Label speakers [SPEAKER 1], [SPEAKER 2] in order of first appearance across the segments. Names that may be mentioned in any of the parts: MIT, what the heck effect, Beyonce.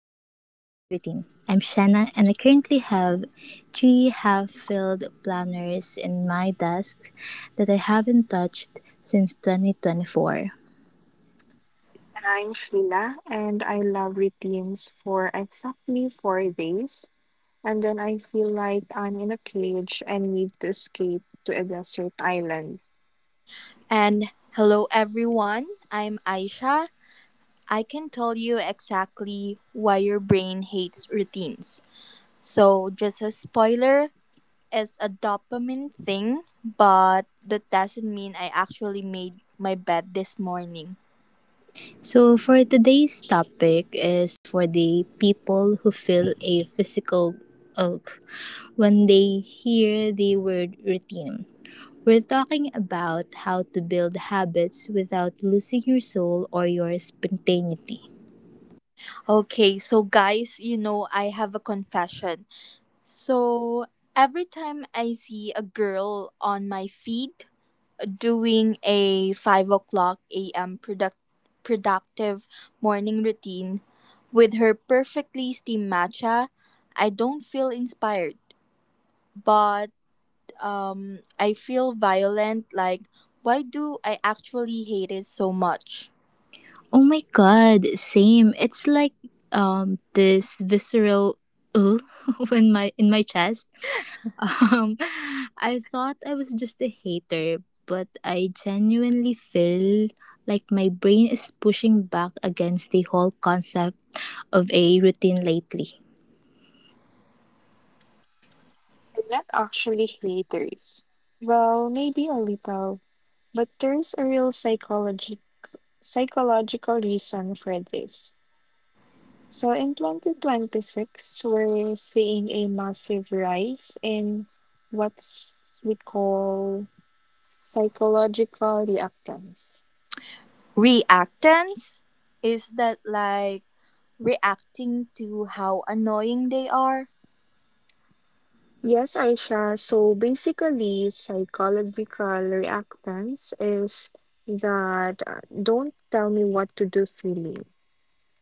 [SPEAKER 1] Routine. I'm Shanna, and I currently have three half filled planners in my desk that I haven't touched since 2024.
[SPEAKER 2] I'm Sheila, and I love routines for exactly 4 days. And then I feel like I'm in a cage and need to escape to a desert island.
[SPEAKER 3] And hello, everyone. I'm Aisha. I can tell you exactly why your brain hates routines. So, just a spoiler, it's a dopamine thing, but that doesn't mean I actually made my bed this morning.
[SPEAKER 1] So, for today's topic, is for the people who feel a physical ache when they hear the word routine. We're talking about how to build habits without losing your soul or your spontaneity.
[SPEAKER 3] Okay, so guys, I have a confession. So, every time I see a girl on my feed, doing a 5 o'clock a.m. Productive morning routine with her perfectly steamed matcha, I don't feel inspired, but I feel violent like, why do I actually hate it so much?
[SPEAKER 1] Oh my god, same. It's like this visceral "ugh" in my chest. Um I thought I was just a hater, but I genuinely feel like my brain is pushing back against the whole concept of a routine lately.
[SPEAKER 2] I'm not actually haters. Well, maybe a little, but there's a real psychology psychological reason for this. So in 2026, we're seeing a massive rise in what's we call psychological reactance.
[SPEAKER 3] Reactance? Is that like reacting to how annoying they are?
[SPEAKER 2] Yes, Aisha. So basically, psychological reactance is that don't tell me what to do feeling.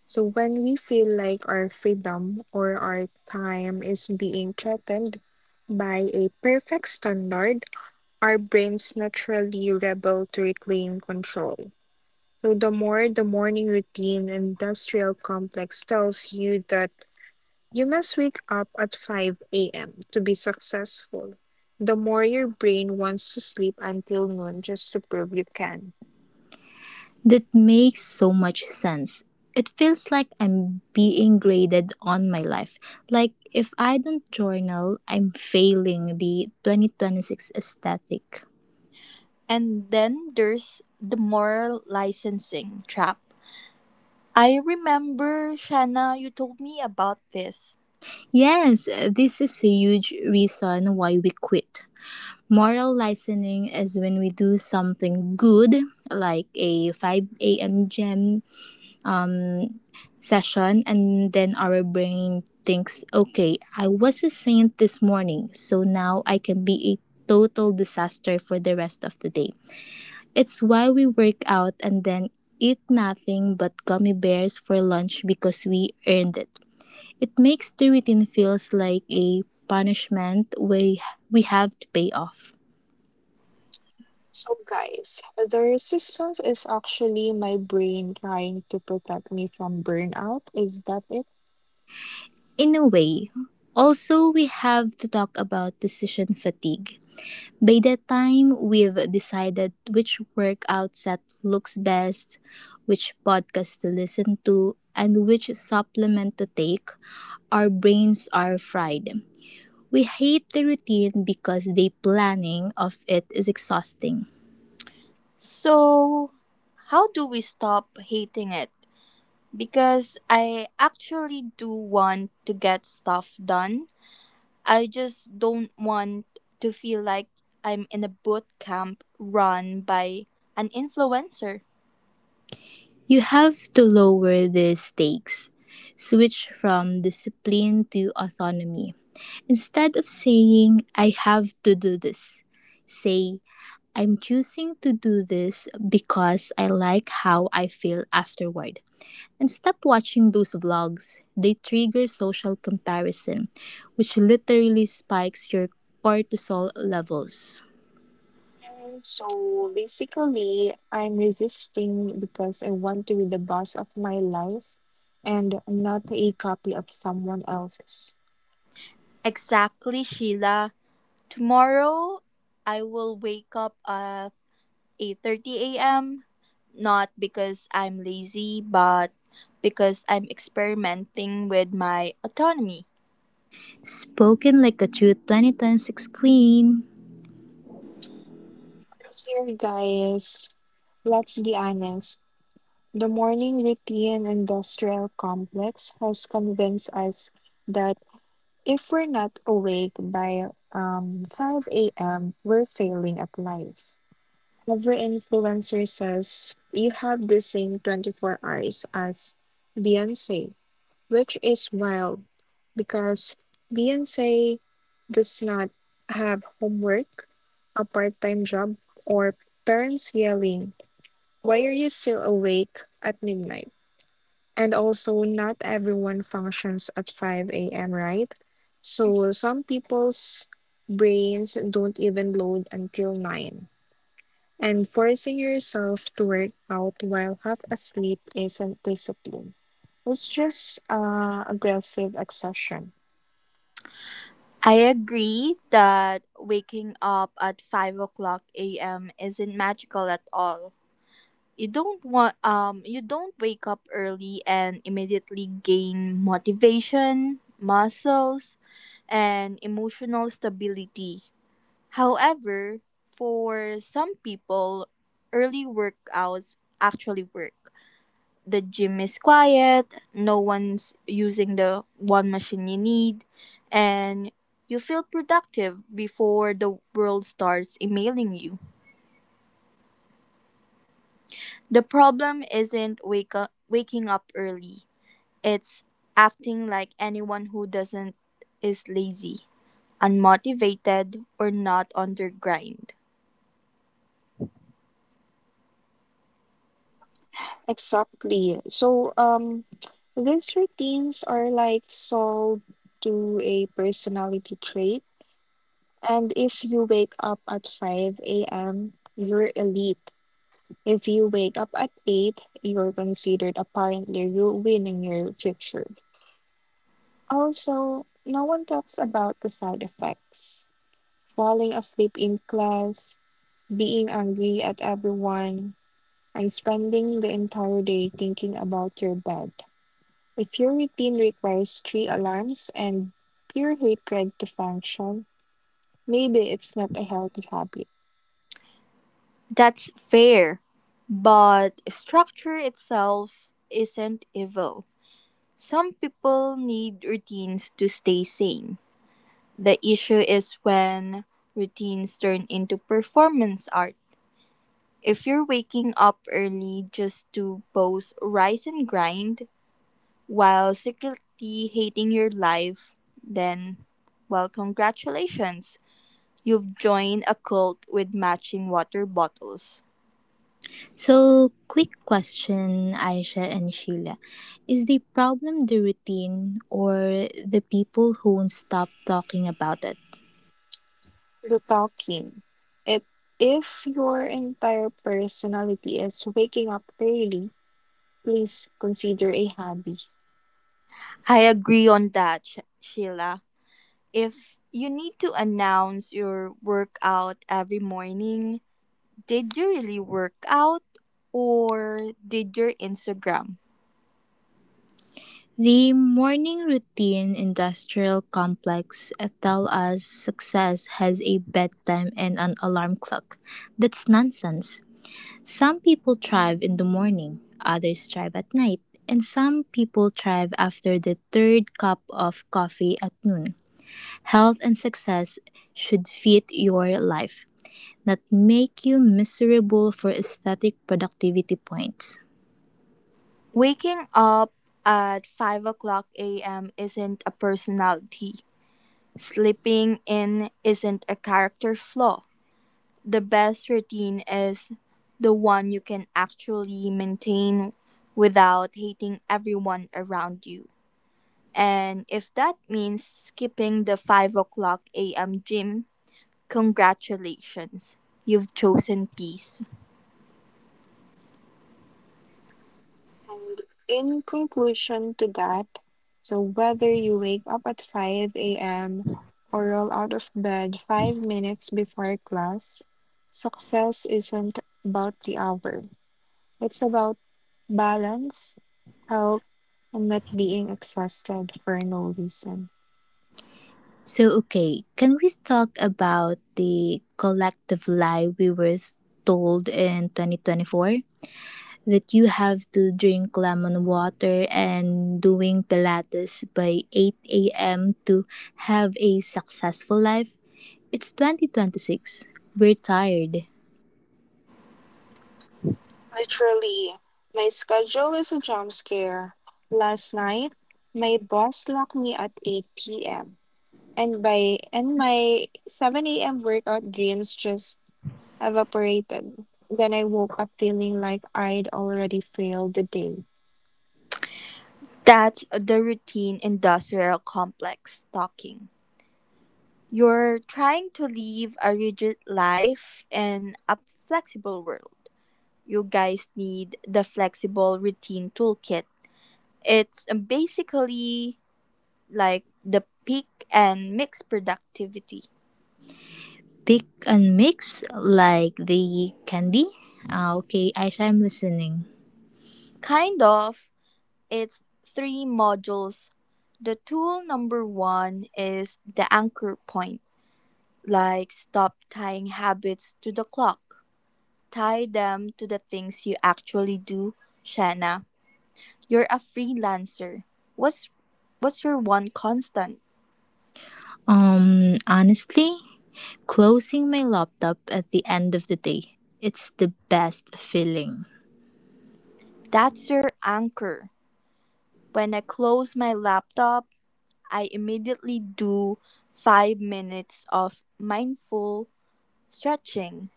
[SPEAKER 2] So when we feel like our freedom or our time is being threatened by a perfect standard, our brains naturally rebel to reclaim control. So the more the morning routine industrial complex tells you that you must wake up at 5 a.m. to be successful. The more your brain wants to sleep until noon just to prove you can.
[SPEAKER 1] That makes so much sense. It feels like I'm being graded on my life. Like if I don't journal, I'm failing the 2026 aesthetic.
[SPEAKER 3] And then there's the moral licensing trap. I remember, Shanna, you told me about this.
[SPEAKER 1] Yes, this is a huge reason why we quit. Moral licensing is when we do something good, like a 5 a.m. gym um, session, and then our brain thinks, okay, I was a saint this morning, so now I can be a total disaster for the rest of the day. It's why we work out and then eat nothing but gummy bears for lunch because we earned it. It makes the routine feels like a punishment we have to pay off.
[SPEAKER 2] So, guys, the resistance is actually my brain trying to protect me from burnout. Is that it?
[SPEAKER 1] In a way. Also, we have to talk about decision fatigue. By that time, we've decided which workout set looks best, which podcast to listen to, and which supplement to take. Our brains are fried. We hate the routine because the planning of it is exhausting.
[SPEAKER 3] So, how do we stop hating it? Because I actually do want to get stuff done. I just don't want to feel like I'm in a boot camp run by an influencer.
[SPEAKER 1] You have to lower the stakes. Switch from discipline to autonomy. Instead of saying, I have to do this, say, I'm choosing to do this because I like how I feel afterward. And stop watching those vlogs. They trigger social comparison, which literally spikes your cortisol levels.
[SPEAKER 2] Mm, so, basically, I'm resisting because I want to be the boss of my life and not a copy of someone else's.
[SPEAKER 3] Exactly, Sheila. Tomorrow, I will wake up at 8:30 a.m. not because I'm lazy but because I'm experimenting with my autonomy.
[SPEAKER 1] Spoken like a true 2026 queen.
[SPEAKER 2] Here, guys, let's be honest. The morning routine industrial complex has convinced us that if we're not awake by 5 a.m., we're failing at life. Every influencer says you have the same 24 hours as Beyonce, which is wild because Beyonce does not have homework, a part time job, or parents yelling, "Why are you still awake at midnight?" And also, not everyone functions at 5 a.m., right? So, some people's brains don't even load until 9. And forcing yourself to work out while half asleep isn't discipline. It's just aggressive exhaustion.
[SPEAKER 3] I agree that waking up at 5 o'clock a.m. isn't magical at all. You don't wake up early and immediately gain motivation, muscles, and emotional stability. However, for some people, early workouts actually work. The gym is quiet, no one's using the one machine you need, and you feel productive before the world starts emailing you. The problem isn't waking up early, it's acting like anyone who doesn't is lazy, unmotivated or not on their grind.
[SPEAKER 2] Exactly. So, these routines are like sold to a personality trait. And if you wake up at 5 a.m., you're elite. If you wake up at 8, you're considered apparently ruining your future. Also, no one talks about the side effects: falling asleep in class, being angry at everyone, and spending the entire day thinking about your bed. If your routine requires three alarms and pure hatred to function, maybe it's not a healthy habit.
[SPEAKER 3] That's fair, but structure itself isn't evil. Some people need routines to stay sane. The issue is when routines turn into performance art. If you're waking up early just to post rise and grind while secretly hating your life, then, well, congratulations. You've joined a cult with matching water bottles.
[SPEAKER 1] So, quick question, Aisha and Sheila. Is the problem the routine or the people who won't stop talking about it?
[SPEAKER 2] The talking. If if your entire personality is waking up early, please consider a hobby.
[SPEAKER 3] I agree on that, Sheila. If you need to announce your workout every morning, did you really work out or did your Instagram?
[SPEAKER 1] The morning routine industrial complex tell us success has a bedtime and an alarm clock. That's nonsense. Some people thrive in the morning, others thrive at night, and some people thrive after the third cup of coffee at noon. Health and success should fit your life, not make you miserable for aesthetic productivity points.
[SPEAKER 3] Waking up at 5 o'clock a.m. isn't a personality. Sleeping in isn't a character flaw. The best routine is the one you can actually maintain without hating everyone around you. And if that means skipping the 5 o'clock a.m. gym, congratulations. You've chosen peace.
[SPEAKER 2] And in conclusion to that, so whether you wake up at 5 a.m. or roll out of bed 5 minutes before class, success isn't about the hour. It's about balance, health, and not being exhausted for no reason.
[SPEAKER 1] So, okay, can we talk about the collective lie we were told in 2024? That you have to drink lemon water and doing Pilates by 8 a.m. to have a successful life? It's 2026. We're tired.
[SPEAKER 2] Literally, my schedule is a jump scare. Last night, my boss locked me at 8 p.m. and by and my 7 a.m. workout dreams just evaporated. Then I woke up feeling like I'd already failed the day.
[SPEAKER 3] That's the routine industrial complex talking. You're trying to live a rigid life in a flexible world. You guys need the flexible routine toolkit. It's basically like the peak and mix productivity.
[SPEAKER 1] Pick and mix like the candy? Ah, okay, Aisha, I'm listening.
[SPEAKER 3] Kind of, it's three modules. The tool number one is the anchor point, like stop tying habits to the clock. Tie them to the things you actually do, Shanna. You're a freelancer. What's what's your one constant?
[SPEAKER 1] Honestly, closing my laptop at the end of the day. It's the best feeling.
[SPEAKER 3] That's your anchor. When I close my laptop, I immediately do 5 minutes of mindful stretching.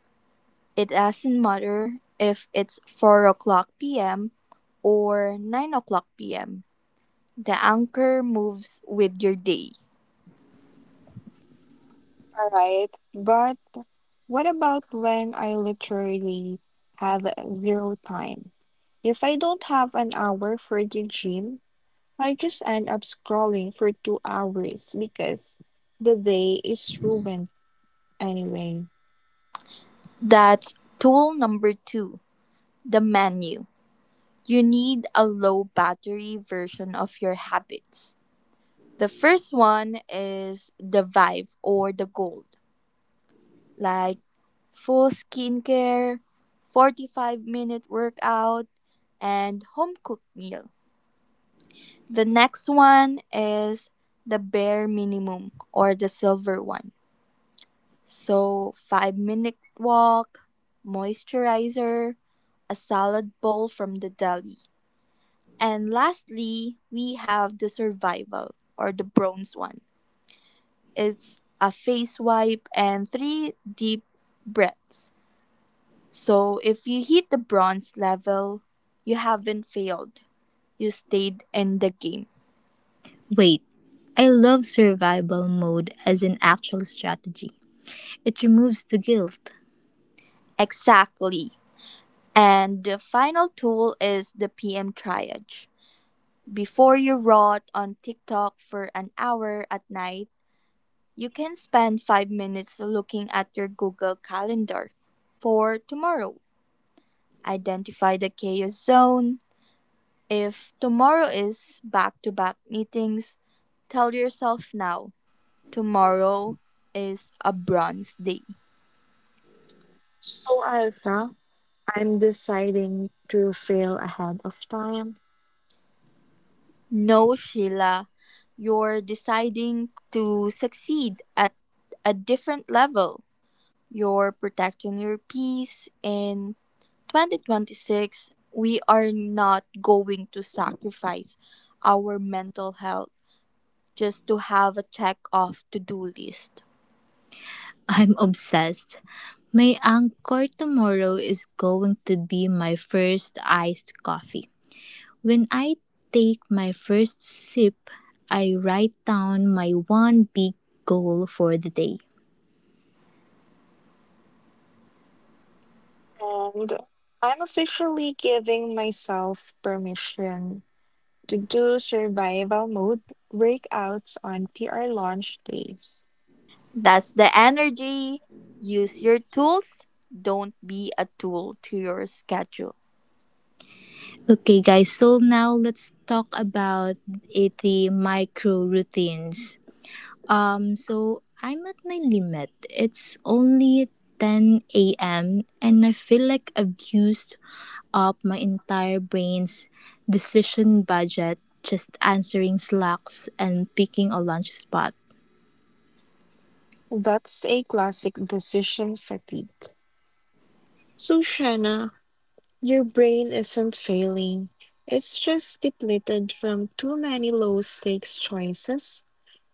[SPEAKER 3] It doesn't matter if it's 4 o'clock p.m. or 9 o'clock p.m. The anchor moves with your day.
[SPEAKER 2] All right, but what about when I literally have zero time? If I don't have an hour for the gym, I just end up scrolling for 2 hours because the day is ruined anyway.
[SPEAKER 3] That's tool number two, the menu. You need a low battery version of your habits. The first one is the Vive or the Gold, like full skincare, 45-minute workout, and home cooked meal. The next one is the bare minimum or the silver one. So, 5-minute walk, moisturizer, a salad bowl from the deli. And lastly, we have the survival or the bronze one. It's a face wipe and three deep breaths. So if you hit the bronze level, you haven't failed. You stayed in the game.
[SPEAKER 1] Wait, I love survival mode as an actual strategy. It removes the guilt.
[SPEAKER 3] Exactly. And the final tool is the PM triage. Before you rot on TikTok for an hour at night, you can spend 5 minutes looking at your Google Calendar for tomorrow. Identify the chaos zone. If tomorrow is back to back meetings, tell yourself now tomorrow is a bronze day.
[SPEAKER 2] So, Alka, I'm deciding to fail ahead of time,
[SPEAKER 3] No, Sheila, you're deciding to succeed at a different level. You're protecting your peace in 2026. We are not going to sacrifice our mental health just to have a check off to do list.
[SPEAKER 1] I'm obsessed. My anchor tomorrow is going to be my first iced coffee. When I take my first sip, I write down my one big goal for the day.
[SPEAKER 2] and I'm officially giving myself permission to do survival mode breakouts on PR launch days.
[SPEAKER 3] That's the energy. Use your tools. Don't be a tool to your schedule.
[SPEAKER 1] Okay, guys, so now let's talk about it, the micro routines. So I'm at my limit. It's only 10 a.m., and I feel like I've used up my entire brain's decision budget just answering slacks and picking a lunch spot.
[SPEAKER 2] That's a classic decision fatigue. So, Shanna, your brain isn't failing. It's just depleted from too many low stakes choices,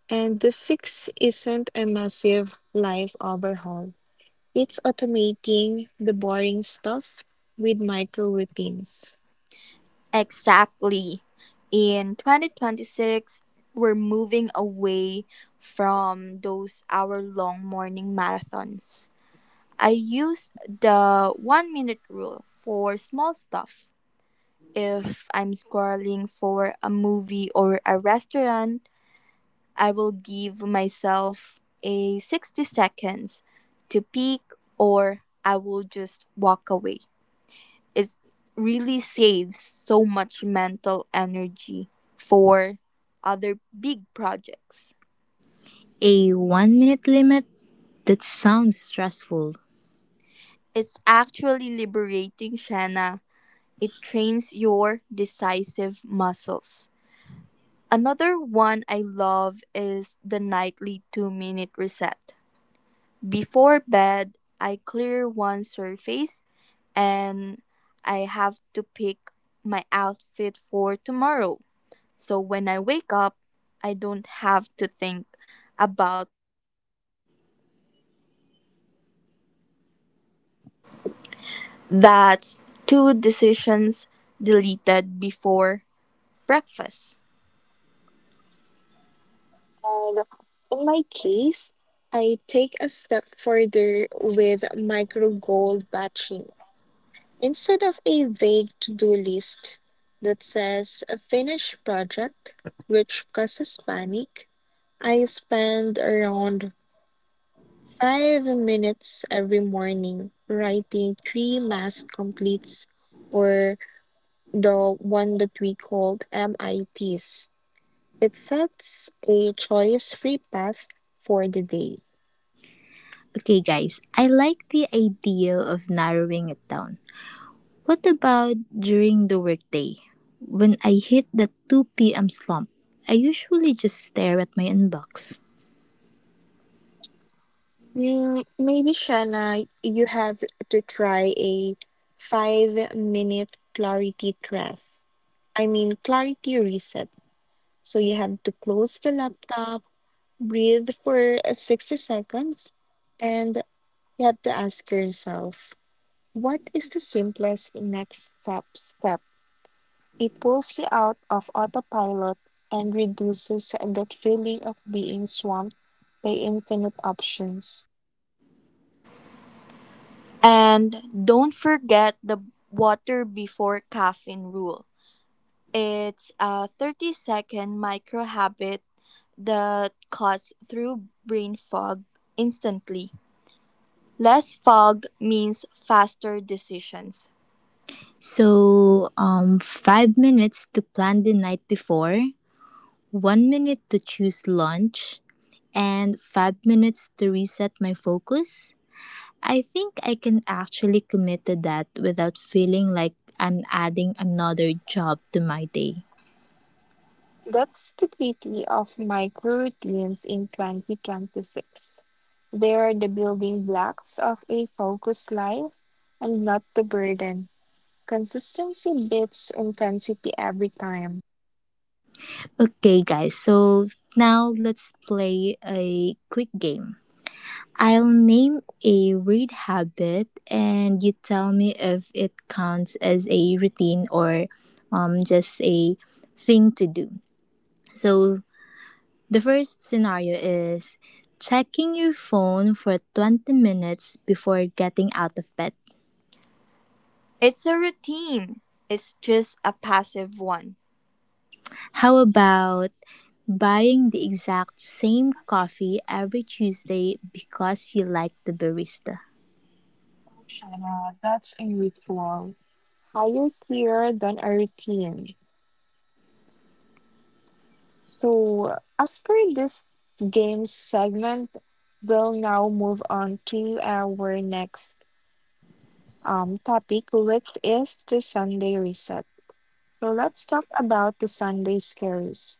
[SPEAKER 2] and the fix isn't a massive life overhaul. It's automating the boring stuff with micro routines.
[SPEAKER 3] Exactly. In 2026, we're moving away from those hour long morning marathons. I use the 1 minute rule for small stuff. If I'm scrolling for a movie or a restaurant, I will give myself a 60 seconds to peek or I will just walk away. It really saves so much mental energy for other big projects.
[SPEAKER 1] A 1-minute limit? That sounds stressful.
[SPEAKER 3] It's actually liberating, Shanna. It trains your decisive muscles. Another one I love is the nightly 2-minute reset. Before bed, I clear one surface and I have to pick my outfit for tomorrow. So when I wake up, I don't have to think about. That's two decisions deleted before breakfast.
[SPEAKER 2] And in my case, I take a step further with micro goal batching. Instead of a vague to do list that says a finished project, which causes panic, I spend around 5 minutes every morning writing three mass completes, or the one that we called MITs. It sets a choice free path for the day.
[SPEAKER 1] Okay, guys, I like the idea of narrowing it down. What about during the workday? When I hit the 2 p.m. slump, I usually just stare at my inbox.
[SPEAKER 2] Mm, maybe Shanna, you have to try a 5 minute clarity press. I mean, clarity reset. So you have to close the laptop, breathe for 60 seconds, and you have to ask yourself, what is the simplest next step? It pulls you out of autopilot and reduces that feeling of being swamped by infinite options.
[SPEAKER 3] And don't forget the water before caffeine rule. It's a 30-second micro habit that cuts through brain fog instantly. Less fog means faster decisions.
[SPEAKER 1] So, 5 minutes to plan the night before, 1 minute to choose lunch, and 5 minutes to reset my focus. I think I can actually commit to that without feeling like I'm adding another job to my day.
[SPEAKER 2] That's the beauty of micro routines in 2026. They are the building blocks of a focused life and not the burden. Consistency beats intensity every time.
[SPEAKER 1] Okay, guys, so now let's play a quick game. I'll name a weird habit and you tell me if it counts as a routine or just a thing to do. So, the first scenario is checking your phone for 20 minutes before getting out of bed.
[SPEAKER 3] It's a routine, it's just a passive one.
[SPEAKER 1] How about buying the exact same coffee every Tuesday because you like the barista?
[SPEAKER 2] Shana, that's a ritual. Higher tier than a routine. So after this game segment, we'll now move on to our next topic, which is the Sunday reset. So let's talk about the Sunday scares.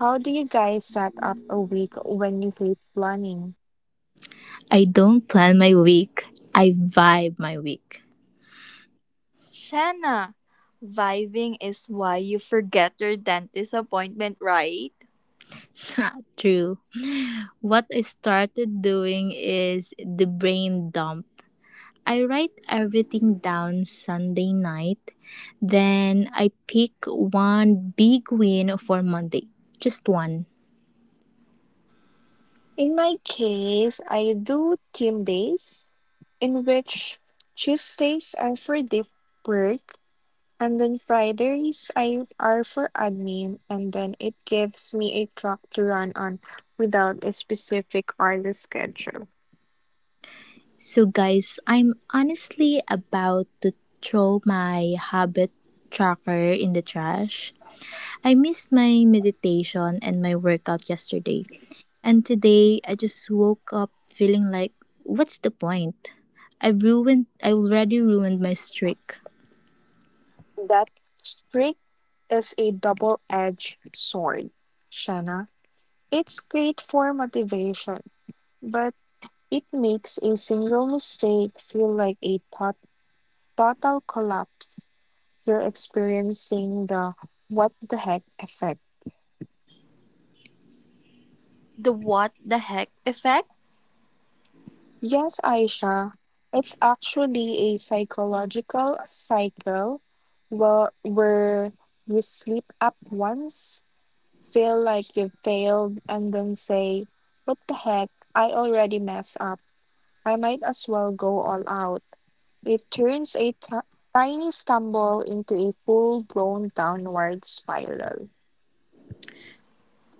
[SPEAKER 2] How do you guys set up a week when you hate planning?
[SPEAKER 1] I don't plan my week, I vibe my week.
[SPEAKER 3] Shanna, vibing is why you forget your dentist appointment, right?
[SPEAKER 1] True. What I started doing is the brain dump. I write everything down Sunday night, then I pick one big win for Monday. Just one.
[SPEAKER 2] In my case, I do team days, in which Tuesdays are for deep work, and then Fridays I are for admin, and then it gives me a track to run on without a specific hourly schedule.
[SPEAKER 1] So, guys, I'm honestly about to throw my habit tracker in the trash. I missed my meditation and my workout yesterday. And today I just woke up feeling like, what's the point? I already ruined my streak.
[SPEAKER 2] That streak is a double-edged sword, Shanna. It's great for motivation, but it makes a single mistake feel like a total collapse. You're experiencing the what the heck effect.
[SPEAKER 3] The what the heck effect?
[SPEAKER 2] Yes, Aisha, it's actually a psychological cycle where you slip up once, feel like you failed, and then say, "What the heck? I already messed up. I might as well go all out." It turns a tiny stumble into a full blown downward spiral.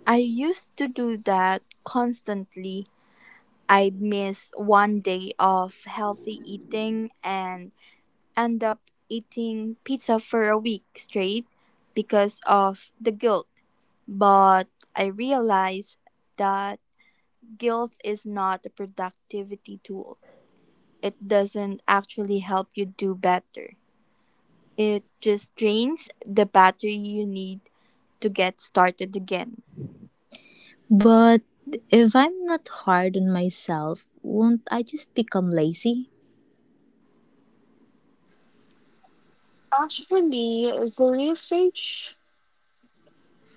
[SPEAKER 3] I used to do that constantly. I'd miss one day of healthy eating and end up eating pizza for a week straight because of the guilt. But I realized that guilt is not a productivity tool. It doesn't actually help you do better. It just drains the battery you need to get started again.
[SPEAKER 1] But if I'm not hard on myself, won't I just become lazy?
[SPEAKER 2] Actually, the research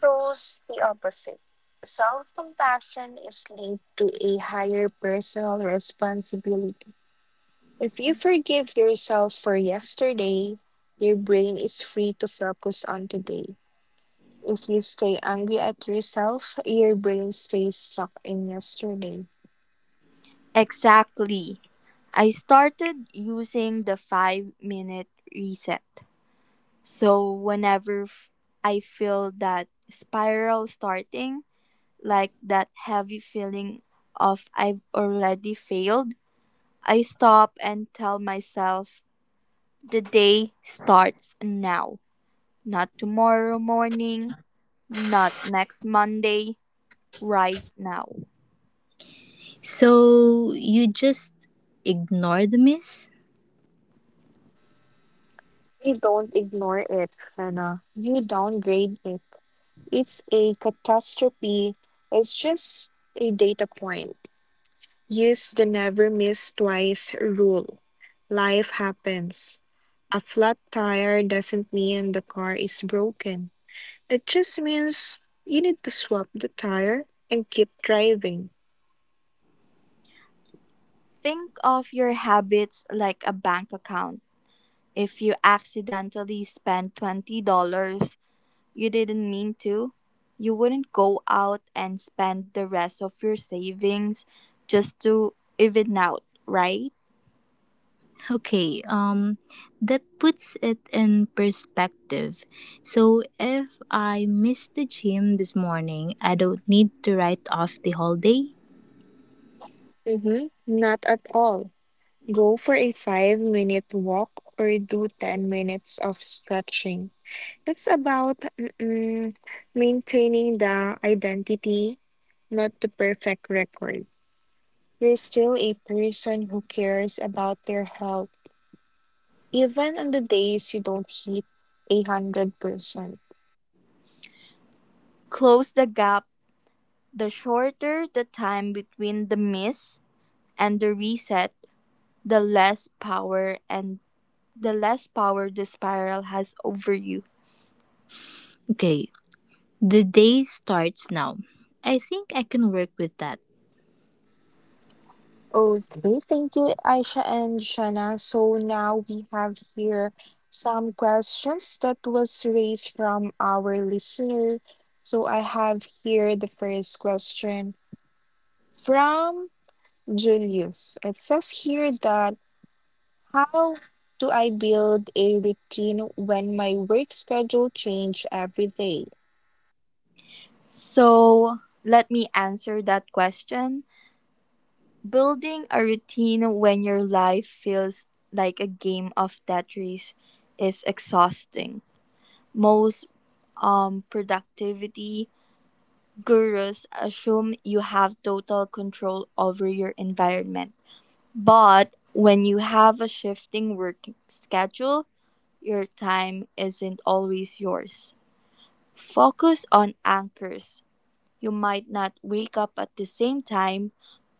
[SPEAKER 2] shows the opposite. Self compassion is linked to a higher personal responsibility. If you forgive yourself for yesterday, your brain is free to focus on today. If you stay angry at yourself, your brain stays stuck in yesterday.
[SPEAKER 3] Exactly. I started using the 5-minute reset. So whenever I feel that spiral starting, like that heavy feeling of I've already failed, I stop and tell myself the day starts now, not tomorrow morning, not next Monday, right now.
[SPEAKER 1] So you just ignore the miss?
[SPEAKER 2] You don't ignore it, Hannah. You downgrade it. It's a catastrophe. It's just a data point. Use the never miss twice rule. Life happens. A flat tire doesn't mean the car is broken. It just means you need to swap the tire and keep driving.
[SPEAKER 3] Think of your habits like a bank account. If you accidentally spend $20 you didn't mean to, you wouldn't go out and spend the rest of your savings just to even out, right?
[SPEAKER 1] Okay, that puts it in perspective. So if I miss the gym this morning, I don't need to write off the whole day.
[SPEAKER 2] Mm-hmm. Not at all. Go for a 5 minute walk or do 10 minutes of stretching. It's about maintaining the identity, not the perfect record. You're still a person who cares about their health, even on the days you don't hit 100%.
[SPEAKER 3] Close the gap. The shorter the time between the miss and the reset, the less power and the less power the spiral has over you.
[SPEAKER 1] Okay, the day starts now. I think I can work with that.
[SPEAKER 2] Okay, thank you, Aisha and Shana. So now we have here some questions that was raised from our listener. So I have here the first question from Julius. It says here that, how do I build a routine when my work schedule change every day?
[SPEAKER 3] So, let me answer that question. Building a routine when your life feels like a game of Tetris is exhausting. Most productivity gurus assume you have total control over your environment. But when you have a shifting work schedule, your time isn't always yours. Focus on anchors. You might not wake up at the same time,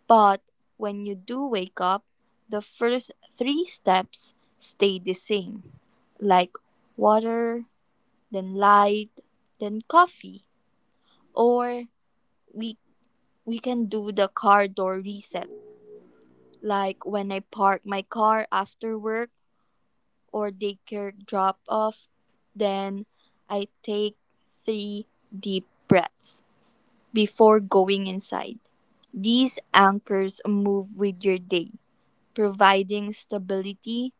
[SPEAKER 3] but when you do wake up, the first three steps stay the same like water, then light, then coffee. Or we we can do the car door reset, like when I park my car after work or daycare drop off, then I take three deep breaths before going inside. These anchors move with your day, providing stability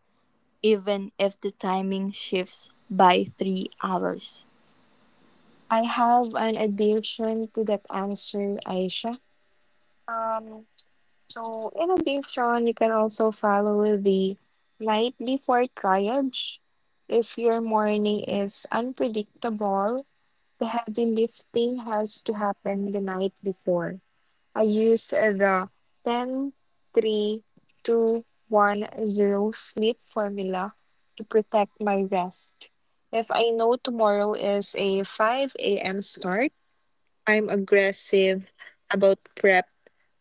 [SPEAKER 3] even if the timing shifts by 3 hours.
[SPEAKER 2] I have an addition to that answer, Aisha. Um, so in addition, you can also follow the night before triage. If your morning is unpredictable, the heavy lifting has to happen the night before. I use the 10, 3, 2, 1, 0 sleep formula to protect my rest. If I know tomorrow is a 5 a.m. start, I'm aggressive about prep,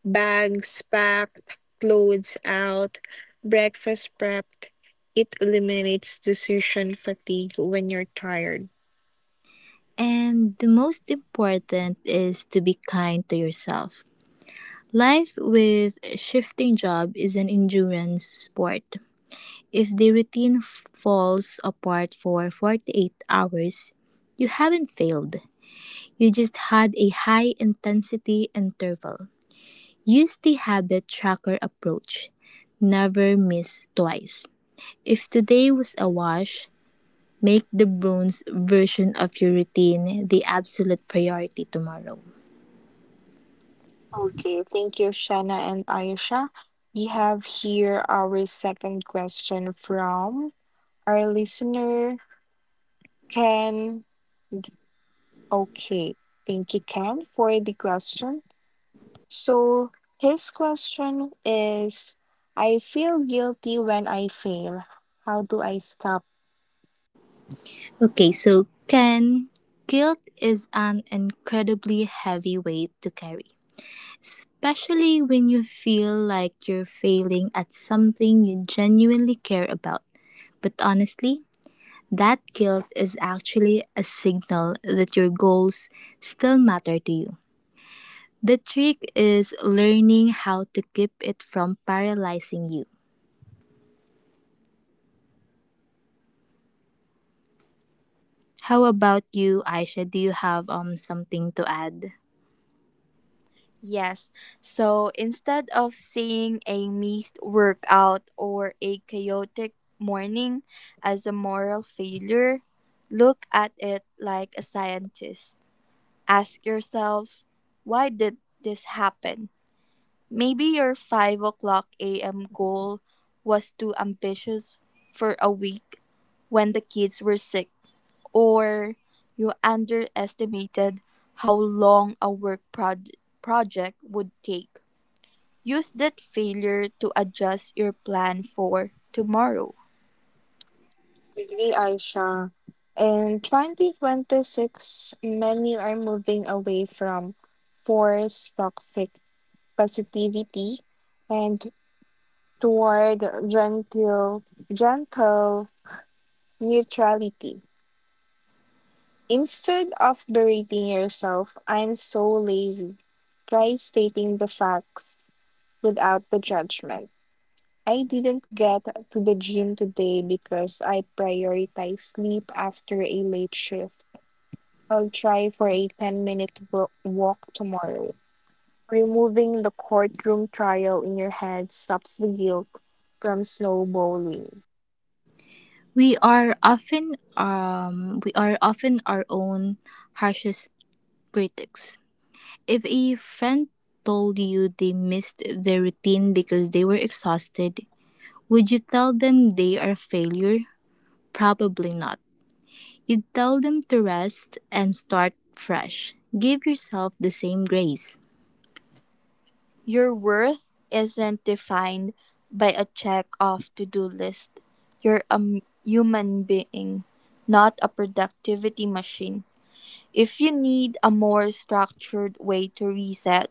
[SPEAKER 2] bags packed, clothes out, breakfast prepped. It eliminates decision fatigue when you're tired.
[SPEAKER 1] And the most important is to be kind to yourself. Life with a shifting job is an endurance sport. If the routine falls apart for 48 hours, you haven't failed. You just had a high intensity interval. Use the habit tracker approach. Never miss twice. If today was a wash, make the bronze version of your routine the absolute priority tomorrow.
[SPEAKER 2] Okay, thank you, Shana and Aisha. We have here our second question from our listener, Ken. Okay, thank you, Ken, for the question. So, his question is, I feel guilty when I fail. How do I stop?
[SPEAKER 1] Okay, so Ken, guilt is an incredibly heavy weight to carry, especially when you feel like you're failing at something you genuinely care about. But honestly, that guilt is actually a signal that your goals still matter to you. The trick is learning how to keep it from paralyzing you. How about you, Aisha? Do you have something to add?
[SPEAKER 3] Yes. So instead of seeing a missed workout or a chaotic morning as a moral failure, look at it like a scientist. Ask yourself, why did this happen? Maybe your 5 o'clock a.m. goal was too ambitious for a week when the kids were sick, or you underestimated how long a work project would take. Use that failure to adjust your plan for tomorrow.
[SPEAKER 2] Really, Aisha. In 2026, many are moving away from forced toxic positivity and toward gentle, gentle neutrality. Instead of berating yourself, I'm so lazy. Try stating the facts without the judgment. I didn't get to the gym today because I prioritize sleep after a late shift. I'll try for a 10-minute walk tomorrow. Removing the courtroom trial in your head stops the guilt from snowballing.
[SPEAKER 1] We are often our own harshest critics. If a friend told you they missed their routine because they were exhausted, would you tell them they are a failure? Probably not. You'd tell them to rest and start fresh. Give yourself the same grace.
[SPEAKER 3] Your worth isn't defined by a check off to do list. You're a human being, not a productivity machine. If you need a more structured way to reset,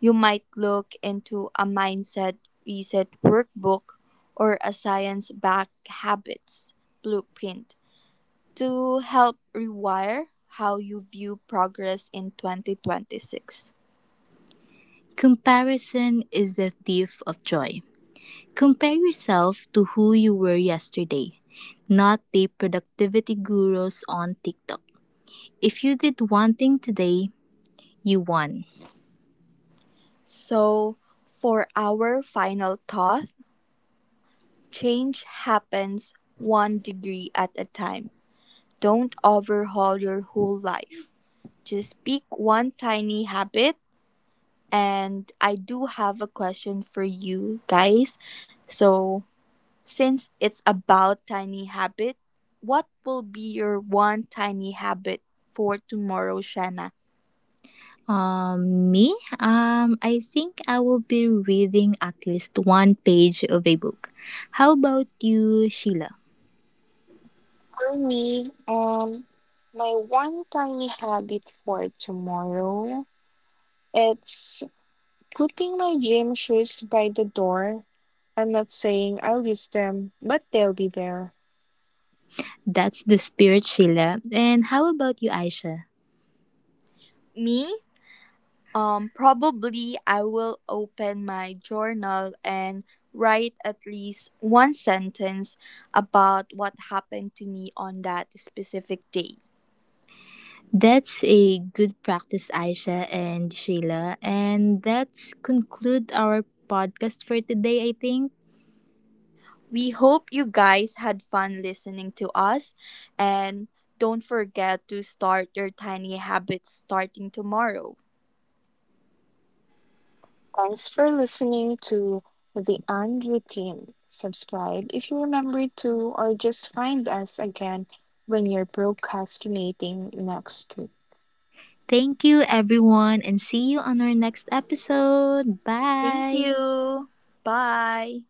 [SPEAKER 3] you might look into a mindset reset workbook or a science backed habits blueprint to help rewire how you view progress in 2026.
[SPEAKER 1] Comparison is the thief of joy. Compare yourself to who you were yesterday, not the productivity gurus on TikTok. If you did one thing today, you won.
[SPEAKER 3] So, for our final thought, change happens one degree at a time. Don't overhaul your whole life. Just pick one tiny habit. And I do have a question for you guys. So, since it's about tiny habit, what will be your one tiny habit for tomorrow, Shanna?
[SPEAKER 1] Me? I think I will be reading at least one page of a book. How about you, Sheila?
[SPEAKER 2] For me, my one tiny habit for tomorrow, it's putting my gym shoes by the door. I'm not saying I'll use them, but they'll be there.
[SPEAKER 1] That's the spirit, Sheila. And how about you, Aisha?
[SPEAKER 3] Me? Probably I will open my journal and write at least one sentence about what happened to me on that specific day.
[SPEAKER 1] That's a good practice, Aisha and Sheila. And that's conclude our podcast for today, I think.
[SPEAKER 3] We hope you guys had fun listening to us and don't forget to start your tiny habits starting tomorrow.
[SPEAKER 2] Thanks for listening to the Unroutine. Routine. Subscribe if you remember to, or just find us again when you're procrastinating next week.
[SPEAKER 1] Thank you, everyone, and see you on our next episode.
[SPEAKER 3] Thank
[SPEAKER 1] Bye.
[SPEAKER 3] you. Bye.